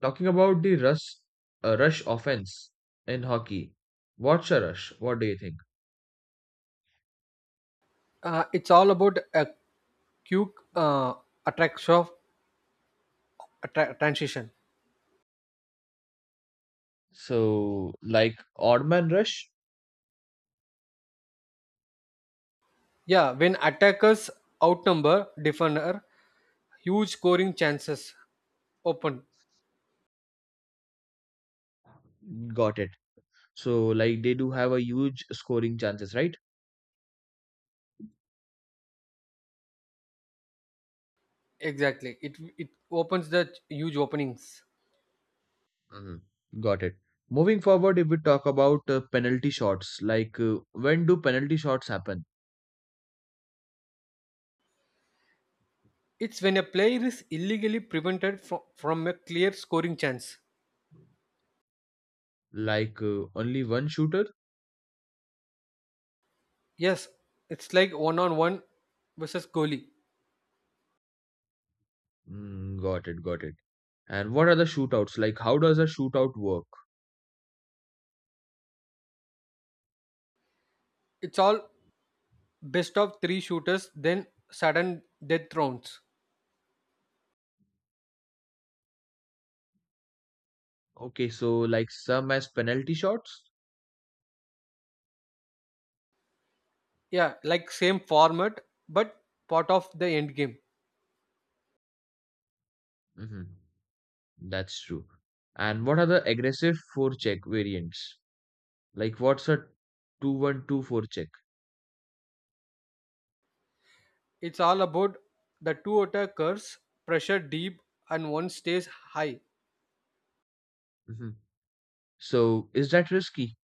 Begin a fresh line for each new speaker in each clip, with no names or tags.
Talking about the rush offense in hockey, what's a rush? What do you think?
It's all about a quick uh, attack of transition.
So, like odd man rush.
Yeah, when attackers outnumber defender, huge scoring chances open.
Got it. So, like they do have a huge scoring chances, right?
Exactly, it opens the huge openings.
Hmm. Got it. Moving forward, if we talk about penalty shots, like when do penalty shots happen?
It's when a player is illegally prevented from a clear scoring chance.
Like only one shooter?
Yes, it's like one on one versus goalie.
Mm, got it, got it. And what are the shootouts? Like how does a shootout work?
It's all best of three shooters, then sudden death rounds.
Okay, so like some as penalty shots?
Yeah, like same format, but part of the end game.
Mhm. That's true. And what are the aggressive forecheck variants? Like what's a 2-1-2 forecheck?
It's all about the two attackers pressure deep and one stays high.
hmm So is that risky?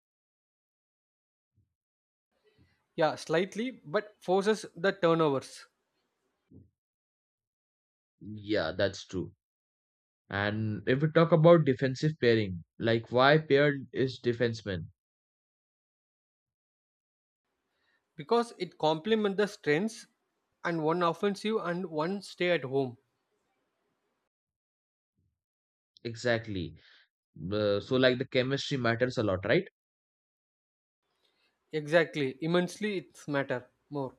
Yeah, slightly, but forces the turnovers.
Yeah, that's true. And if we talk about defensive pairing, like why paired is defenseman?
Because it complements the strengths and one offensive and one stay at home.
Exactly. So like the chemistry matters a lot, right?
Exactly, immensely, it's matter more.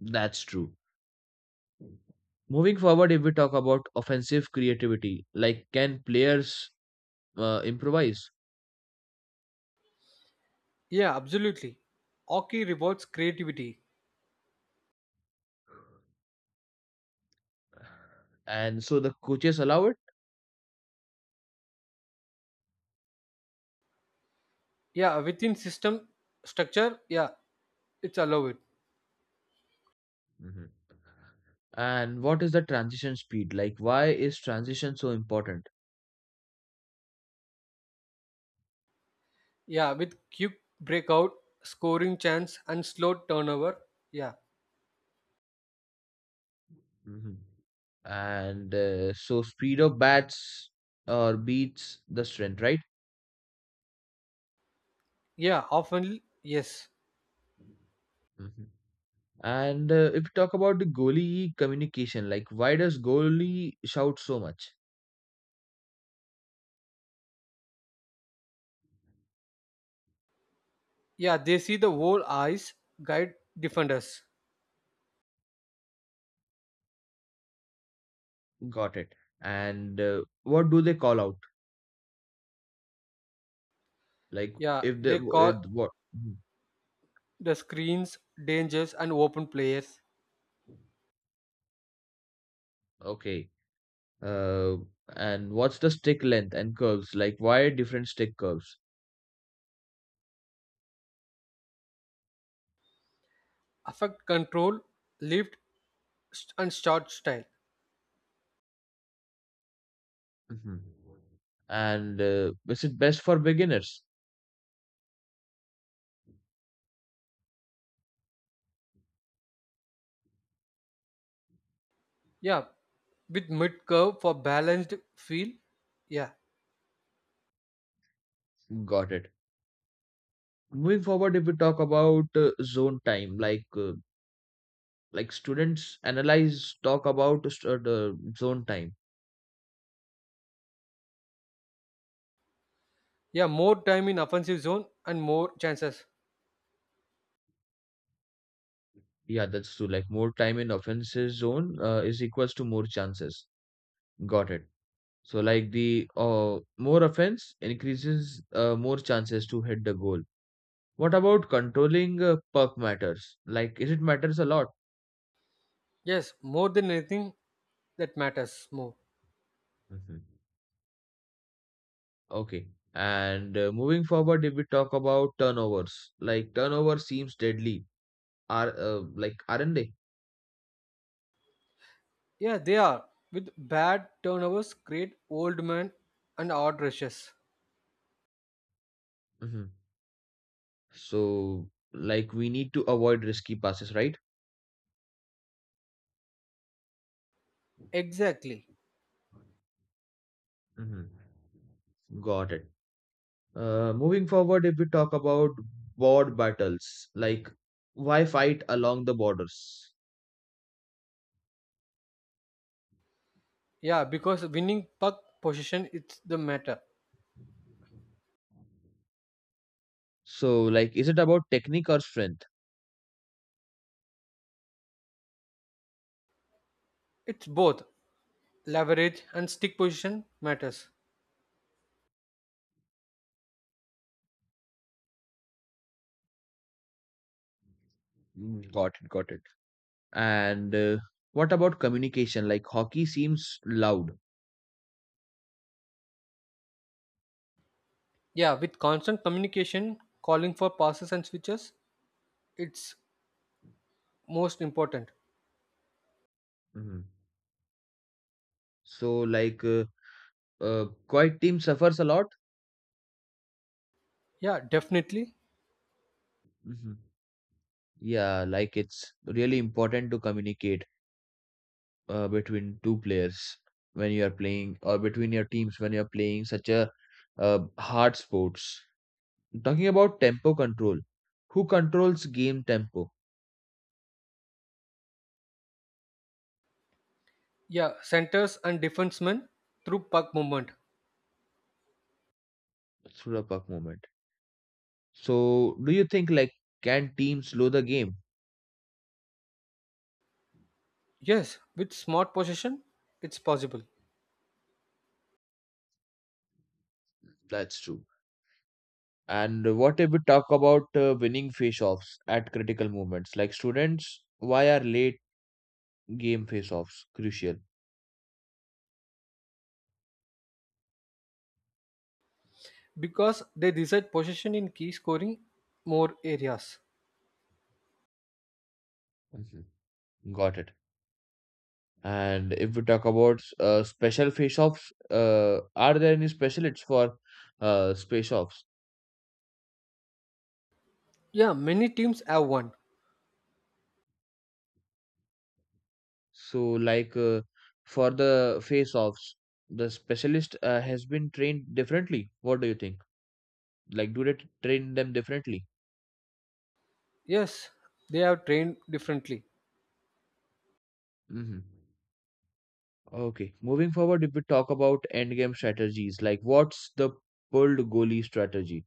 That's true. Moving forward, if we talk about offensive creativity, like can players improvise?
Yeah, absolutely, hockey rewards creativity.
And so the coaches allow it?
Yeah, within system structure, yeah, it's allowed.
Mhm. And what is the transition speed? Like, why is transition so important?
Yeah, with quick breakout, scoring chance, and slow turnover. Yeah,
hmm And so, speed of bats or beats the strength, right?
yeah, often, yes.
hmm And if you talk about the goalie communication, like, why does goalie shout so much?
Yeah, they see the whole eyes guide defenders.
Got it. And what do they call out? Like,
Yeah,
if the
they call
what? Mhm.
the screens dangers and open players.
Okay. Uh, and what's the stick length and curves? Like, why different stick curves?
Affect control, lift, and shot style.
Mhm. And is it best for beginners?
Yeah, with mid curve for balanced feel. Yeah,
Got it. Moving forward, if we talk about zone time, like students analyze talk about the zone time.
yeah, more time in offensive zone and more chances.
Yeah, that's true. Like more time in offenses zone is equals to more chances. Got it. So like the more offense increases more chances to hit the goal. What about controlling puck matters? Like, is it matters a lot?
Yes, more than anything that matters more.
Mhm. Okay. And moving forward, if we talk about turnovers, like turnover seems deadly, are like aren't they?
Yeah, they are. With bad turnovers, create old men and odd rushes.
hmm So like we need to avoid risky passes, right?
Exactly.
Hmm. Got it. Moving forward, if we talk about board battles, like why fight along the borders?
Yeah, because winning puck position it's the matter.
So like, is it about technique or strength?
It's both leverage and stick position matters.
Mm, got it, got it. And what about communication? Like hockey seems loud.
Yeah, with constant communication, calling for passes and switches, it's most important.
Mhm. So like. Quiet team suffers a lot.
Yeah, definitely.
Hmm. Yeah, like it's really important to communicate between two players when you are playing or between your teams when you are playing such a hard sports. Talking about tempo control, who controls game tempo
Yeah, centers and defensemen through puck movement.
through the puck movement? So, do you think like can teams slow the game?
Yes, with smart possession, it's possible.
That's true. And what if we talk about winning face-offs at critical moments? Like students, why are late game face-offs crucial?
Because they decide possession in key scoring more areas.
Mhm. Got it. And if we talk about special face offs, are there any specialists for space offs?
Yeah, many teams have one.
So, like for the face offs, the specialist has been trained differently. What do you think? Like, do they train them differently?
Yes, they have trained differently.
Hmm. Okay. Moving forward, if we talk about endgame strategies, like what's the pulled goalie strategy?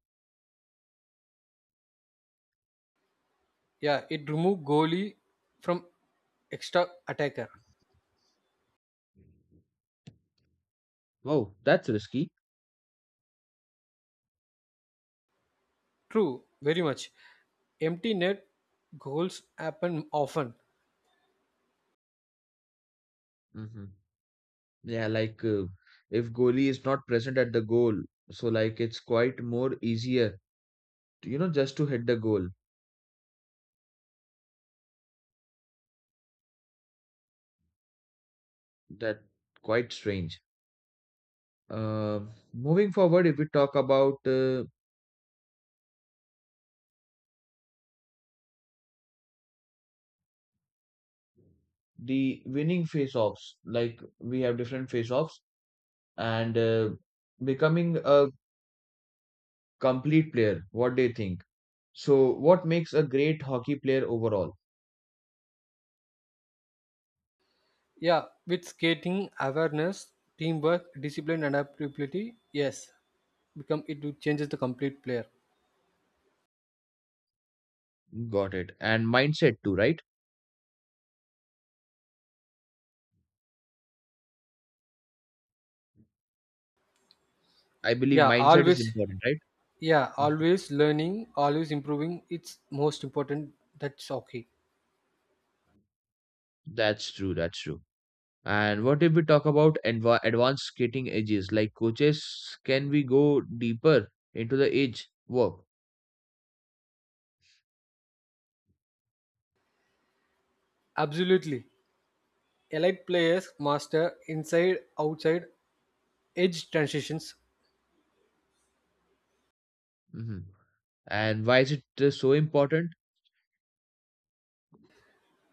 Yeah, it remove goalie from extra attacker.
Oh, that's risky.
True, very much. Empty net goals happen often.
Mm-hmm. Yeah, like if goalie is not present at the goal, so like it's quite more easier, just to hit the goal. That quite strange. Moving forward, if we talk about the winning face-offs, like we have different face-offs and becoming a complete player. What do you think? So, what makes a great hockey player overall?
Yeah, with skating, awareness, teamwork, discipline, and adaptability. Yes, become it will changes the complete player.
Got it. And mindset too, right? I believe
Yeah,
mindset is
always.
important, right?
Yeah, always learning, always improving. It's most important. That's okay.
That's true. That's true. And what if we talk about advanced skating edges like coaches? Can we go deeper into the edge work?
Absolutely. Elite players master inside outside edge transitions
hmm And why is it so important?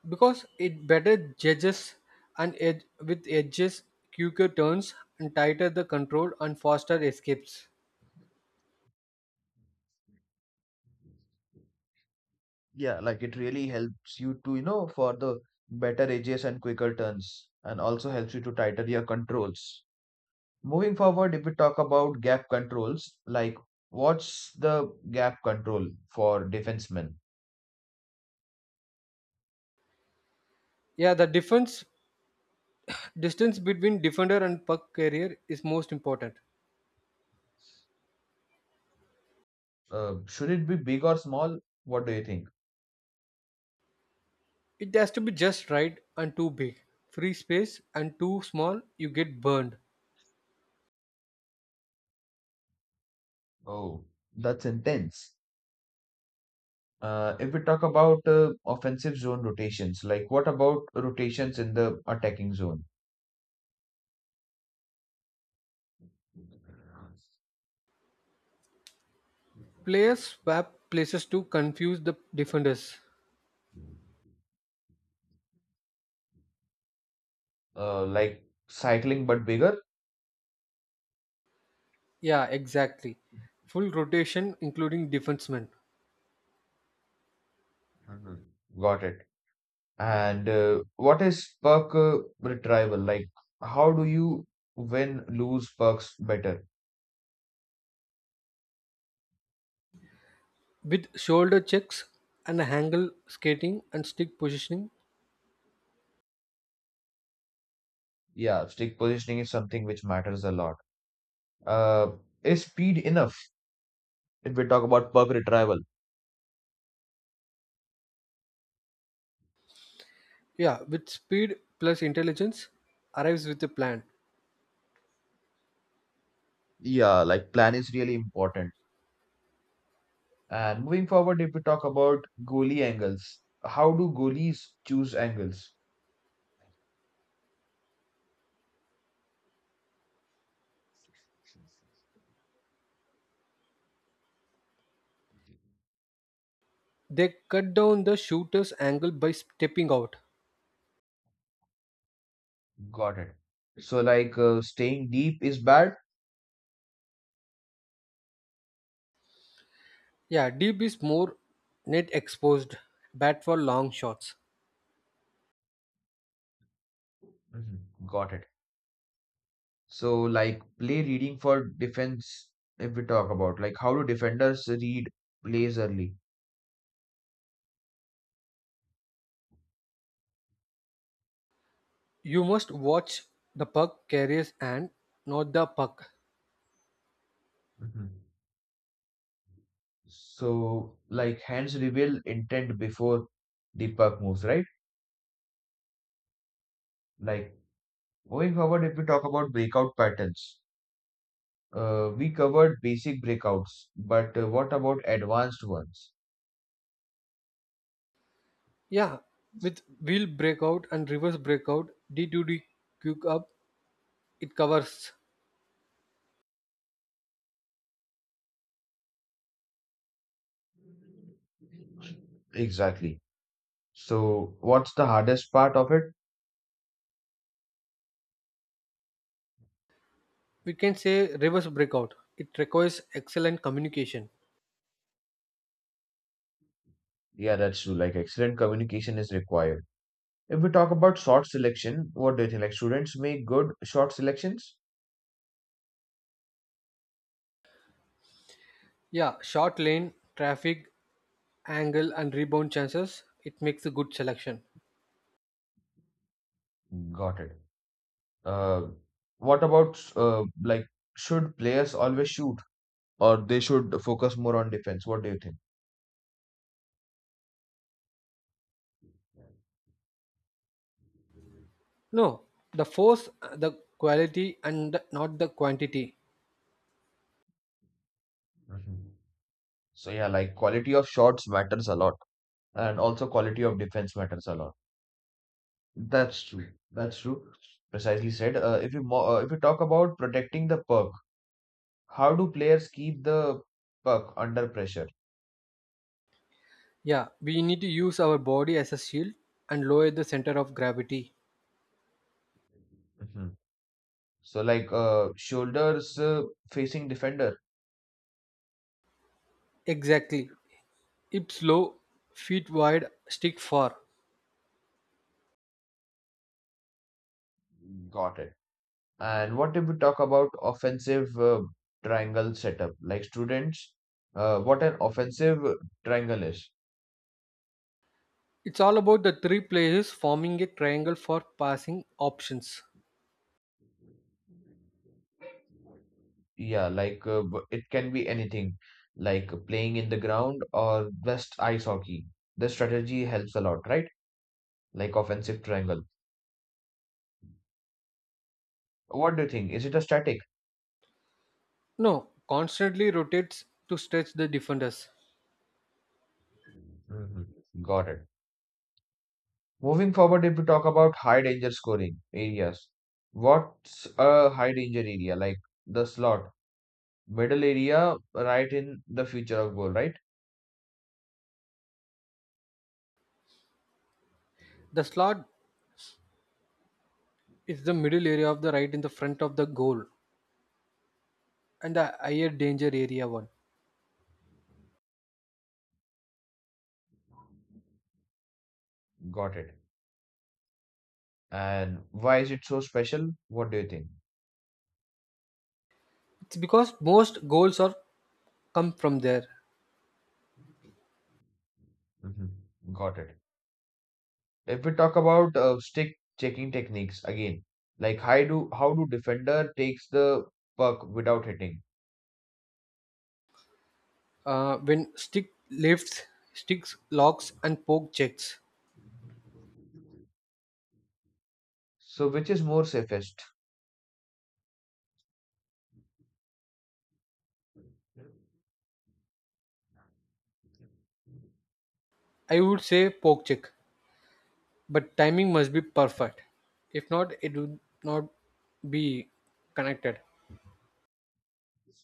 because it better judges and edge with edges, quicker turns and tighter the control and faster escapes.
Yeah, like it really helps you to, for the better edges and quicker turns, and also helps you to tighten your controls. Moving forward, if we talk about gap controls, like what's the gap control for defensemen?
Yeah, the difference distance between defender and puck carrier is most important.
Should it be big or small? What do you think?
It has to be just right and too big. Free space and too small, you get burned.
Oh, that's intense. If we talk about offensive zone rotations, like what about rotations in the attacking zone?
Players swap places to confuse the defenders.
Like cycling but bigger?
Yeah, exactly. Full rotation, including defensemen,
Mhm. Got it. And what is puck retrieval? Like how do you win lose pucks better?
with shoulder checks and angle skating and stick positioning.
Yeah, stick positioning is something which matters a lot. Uh, is speed enough if we talk about puck retrieval?
Yeah, with speed plus intelligence, arrives with a plan.
Yeah, like plan is really important. And moving forward, if we talk about goalie angles, how do goalies choose angles?
They cut down the shooter's angle by stepping out.
Got it. So, like staying deep is bad?
Yeah, deep is more net exposed, bad for long shots.
Mhm. Got it. So, like play reading for defense, if we talk about like how do defenders read plays early?
You must watch the puck carriers and not the puck.
Mhm. So, like hands reveal intent before the puck moves, right? Like moving forward, if we talk about breakout patterns, we covered basic breakouts, but what about advanced ones?
Yeah, with wheel breakout and reverse breakout, D2D quick up, it covers.
Exactly. So, what's the hardest part of it?
We can say reverse breakout. It requires excellent communication.
Yeah, that's true. Like, excellent communication is required. If we talk about short selection, what do you think? Like, students make good short selections?
Yeah, short lane, traffic, angle, and rebound chances. It makes a good selection.
Got it. Uh, what about like, should players always shoot, or they should focus more on defense? What do you think?
No, the force, the quality, and not the quantity.
Mhm. So yeah, like quality of shots matters a lot, and also quality of defense matters a lot. That's true. That's true. Precisely said. If you talk about protecting the puck, how do players keep the puck under pressure?
Yeah, we need to use our body as a shield and lower the center of gravity.
Mhm. So like shoulders facing defender.
Exactly. Hips low, feet wide, stick far.
Got it. And what if we talk about offensive triangle setup? Like students, what an offensive triangle is?
It's all about the three players forming a triangle for passing options.
Yeah, like it can be anything, like playing in the ground or just ice hockey. The strategy helps a lot, right? Like offensive triangle. What do you think? Is it a static?
No, constantly rotates to stretch the defenders.
Mhm. Got it. Moving forward, if we talk about high danger scoring areas, what's a high danger area? Like the slot, middle area, right in the future of goal, right?
The slot is the middle area of the right in the front of the goal and the higher danger area one.
Got it. And why is it so special? What do you think?
It's because most goals are come from there.
Hmm. Got it. If we talk about stick checking techniques again, like how do defender takes the puck without hitting?
When stick lifts, sticks locks and poke checks.
So which is more safest?
I would say poke check, but timing must be perfect. If not, it would not be connected.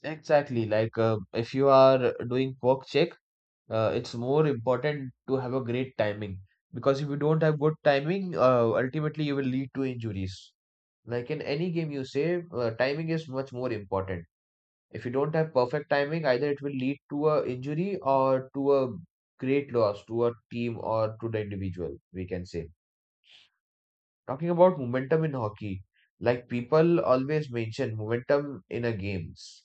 Exactly. Like if you are doing work check, it's more important to have a great timing because if you don't have good timing, ultimately you will lead to injuries. Like in any game, you say timing is much more important. If you don't have perfect timing, either it will lead to a injury or to a great loss to a team or to the individual, we can say. Talking about momentum in hockey, like people always mention momentum in a games.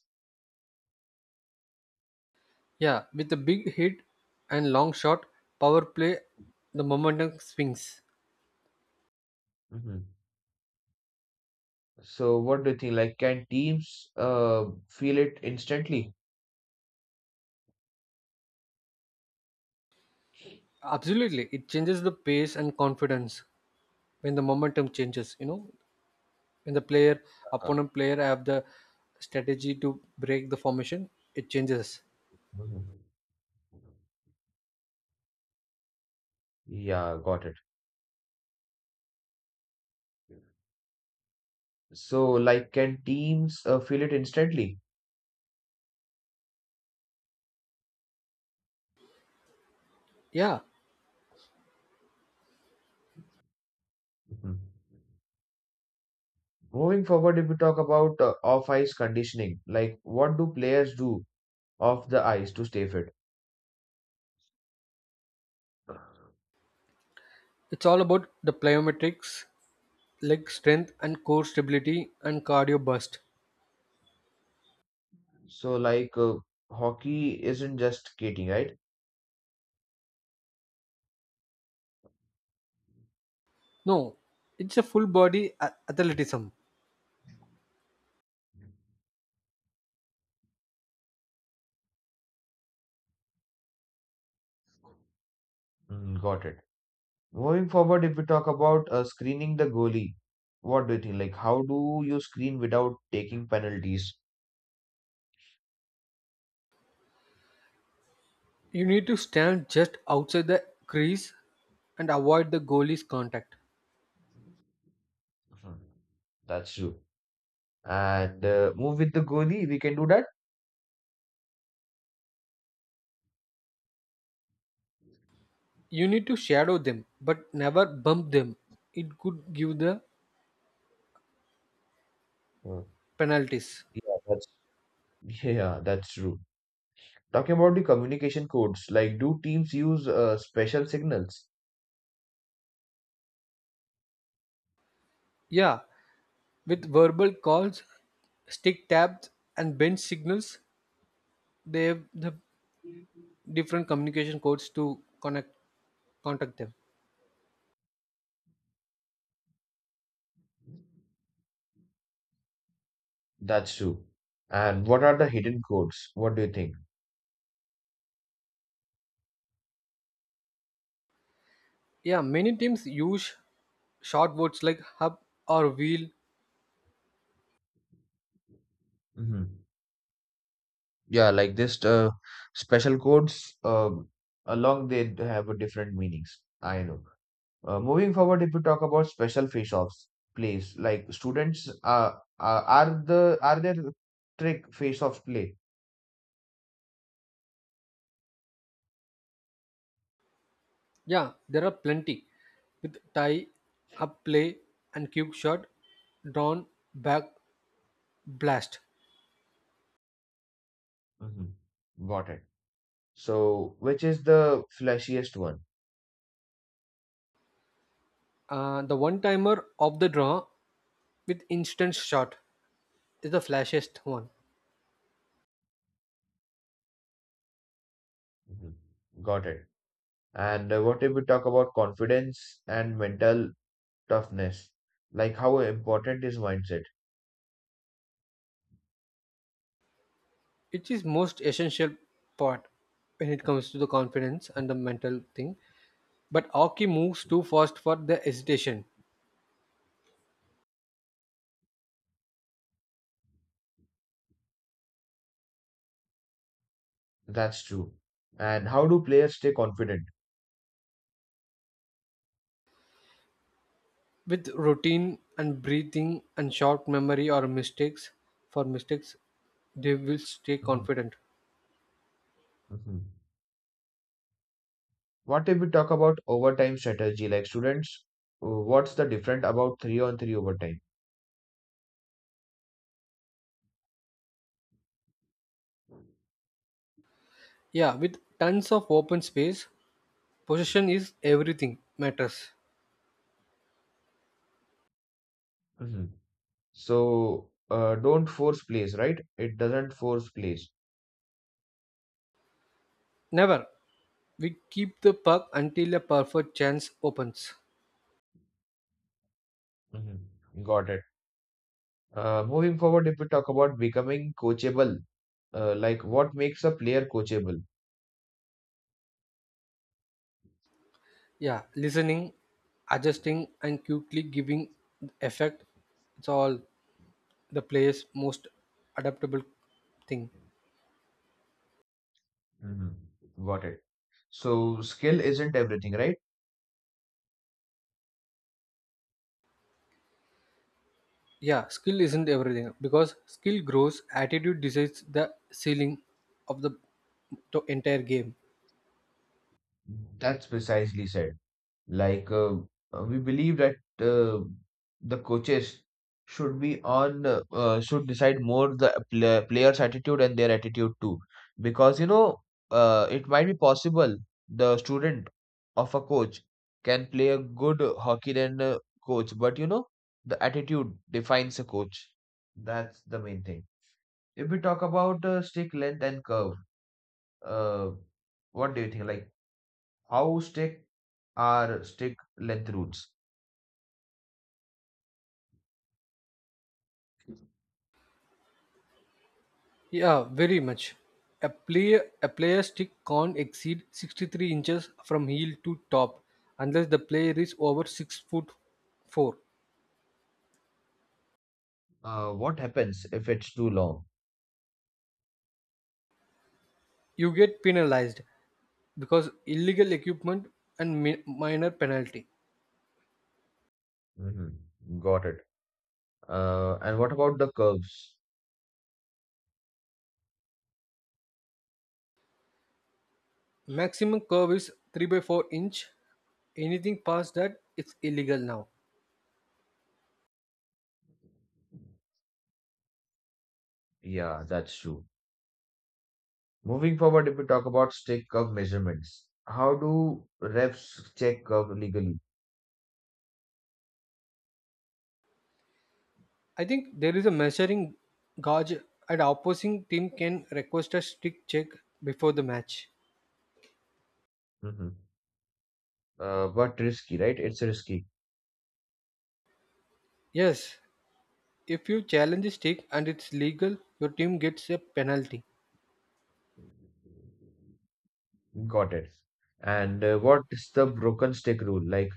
Yeah, with a big hit and long shot, power play, the momentum swings.
Mm-hmm. So what do you think? Like, can teams feel it instantly?
Absolutely, it changes the pace and confidence. When the momentum changes, when the player
Uh,
opponent player have the strategy to break the formation, it changes,
mhm. Yeah, got it. So, like, can teams feel it instantly?
yeah.
Mhm. Moving forward, if we talk about off-ice conditioning, like, what do players do off the ice to stay fit?
It's all about the plyometrics, leg strength, and core stability, and cardio burst.
So, like, hockey isn't just skating, right?
No, it's a full body athleticism.
Mm, got it. Moving forward, if we talk about screening the goalie, what do you think? Like, how do you screen without taking penalties?
You need to stand just outside the crease and avoid the goalie's contact.
Hmm. That's true. And move with the Goni, we can do that.
You need to shadow them, but never bump them. It could give the
Hmm.
penalties.
Yeah, that's yeah, yeah, that's true. Talking about the communication codes, like do teams use special signals?
Yeah, with verbal calls, stick tabs, and bench signals, they have the different communication codes to connect contact them.
That's true. And what are the hidden codes? What do you think?
Yeah, many teams use short words like hub or wheel.
Hmm. Yeah, like this special codes along they have a different meanings. I know. Moving forward, if we talk about special face-offs, plays like students are there trick face-offs play?
Yeah, there are plenty with tie hub play and cube shot drawn back blast.
Hmm. Got it. So, which is the flashiest one?
The one timer of the draw with instant shot is the flashiest one.
Hmm. Got it. And what if we talk about confidence and mental toughness? Like how important is mindset?
It is most essential part when it comes to the confidence and the mental thing. But Aki moves too fast for the hesitation.
That's true. And how do players stay confident?
With routine and breathing and short memory or mistakes for mistakes, they will stay
Mhm,
confident.
mhm. What if we talk about overtime strategy? Like students, what's the different about three on three overtime?
Yeah, with tons of open space, possession is everything matters.
hmm So don't force plays, right? It doesn't force plays.
Never. We keep the puck until a perfect chance opens.
Hmm. Got it. Moving forward, if we talk about becoming coachable, like what makes a player coachable?
Yeah, listening, adjusting, and quickly giving effect. It's all the player's most adaptable thing.
Hmm. Got it. So skill isn't everything, right?
Yeah, skill isn't everything because skill grows, attitude decides the ceiling of the entire game.
That's precisely said. Like we believe that the coaches should be on should decide more the players' attitude and their attitude too, because it might be possible the student of a coach can play a good hockey than a coach, but the attitude defines a coach. That's the main thing. If we talk about stick length and curve, uh, what do you think? Like how stick are stick length rules?
Yeah, very much. A player stick can't exceed 63 inches from heel to top unless the player is over 6 foot 4.
What happens if it's too long?
You get penalized because illegal equipment and minor penalty.
Hmm. Got it. And what about the curves?
Maximum curve is 3 by 4 inch. Anything past that it's illegal now.
Yeah, that's true. Moving forward, if we talk about stick curve measurements, how do refs check curve legally?
I think there is a measuring gauge and opposing team can request a stick check before the match.
hmm but risky, right? It's risky.
Yes, if you challenge the stick and it's legal, your team gets a penalty.
Got it. And what is the broken stick rule? Like,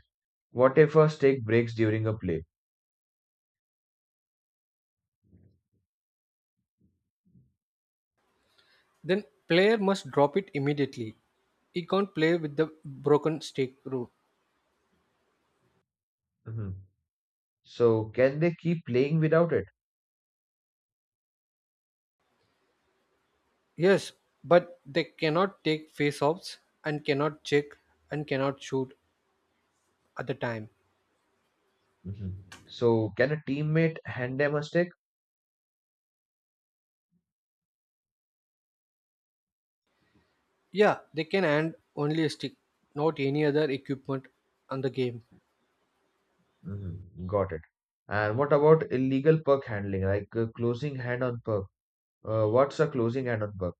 what if a stick breaks during a play?
Then player must drop it immediately. He can't play with the broken stick rule.
hmm So, can they keep playing without it?
Yes, but they cannot take face-offs and cannot check and cannot shoot at the time.
hmm So, can a teammate hand them a stick?
Yeah, they can hand only a stick, not any other equipment on the game.
Mhm. Got it. And what about illegal perk handling, like closing hand on perk? What's a closing hand on perk?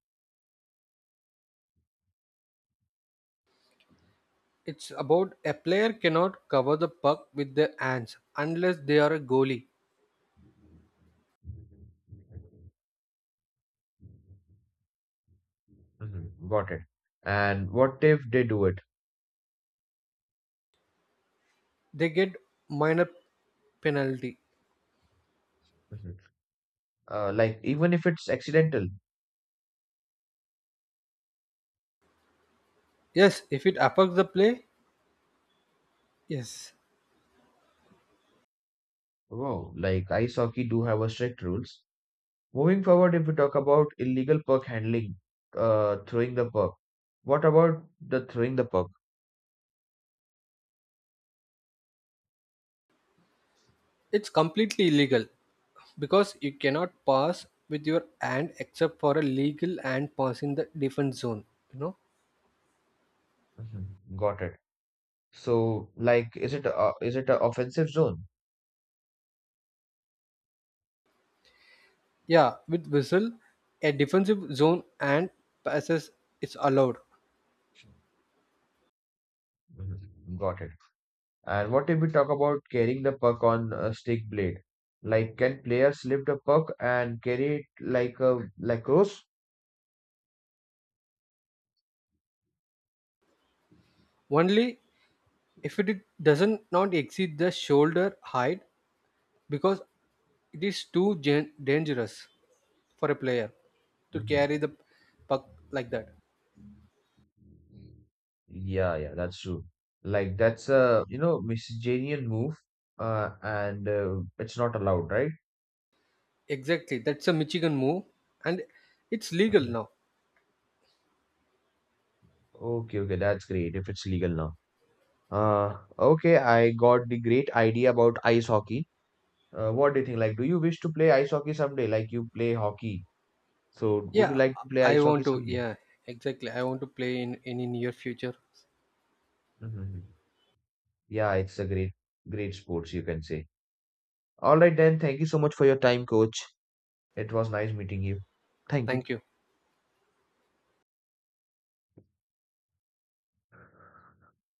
It's about a player cannot cover the puck with their hands unless they are a goalie.
Mhm. Got it. And what if they do it?
They get minor penalty.
Mhm. Like even if it's accidental.
Yes, if it affects the play, yes.
Wow. Like ice hockey do have a strict rules. Moving forward, if we talk about illegal puck handling, throwing the puck. What about the throwing the perk?
It's completely illegal because you cannot pass with your hand except for a legal hand pass in the defense zone. You know?
Mhm. Got it. So, like, is it a offensive zone?
Yeah, with whistle, a defensive zone hand passes is allowed.
Mhm. Got it. And what if we talk about carrying the puck on a stick blade? Like, can players slip the puck and carry it like a lacrosse?
Only if it doesn't not exceed the shoulder height because it is too dangerous for a player to carry the
Mhm.
puck like that.
Yeah, yeah, that's true. Like that's a miscellaneous move, and it's not allowed, right?
Exactly. That's a Michigan move and it's legal
Mhm.
now.
Okay, okay, that's great if it's legal now. Okay, I got the great idea about ice hockey. What do you think? Like, do you wish to play ice hockey someday? Like you play hockey, so would you
Yeah,
like to play
I
ice hockey
want to.
someday?
Yeah, exactly. I want to play in any near future.
Mhm. Yeah, it's a great, great sports, you can say. All right, then. Thank you so much for your time, coach. It was nice meeting you. Thank you.
Thank you.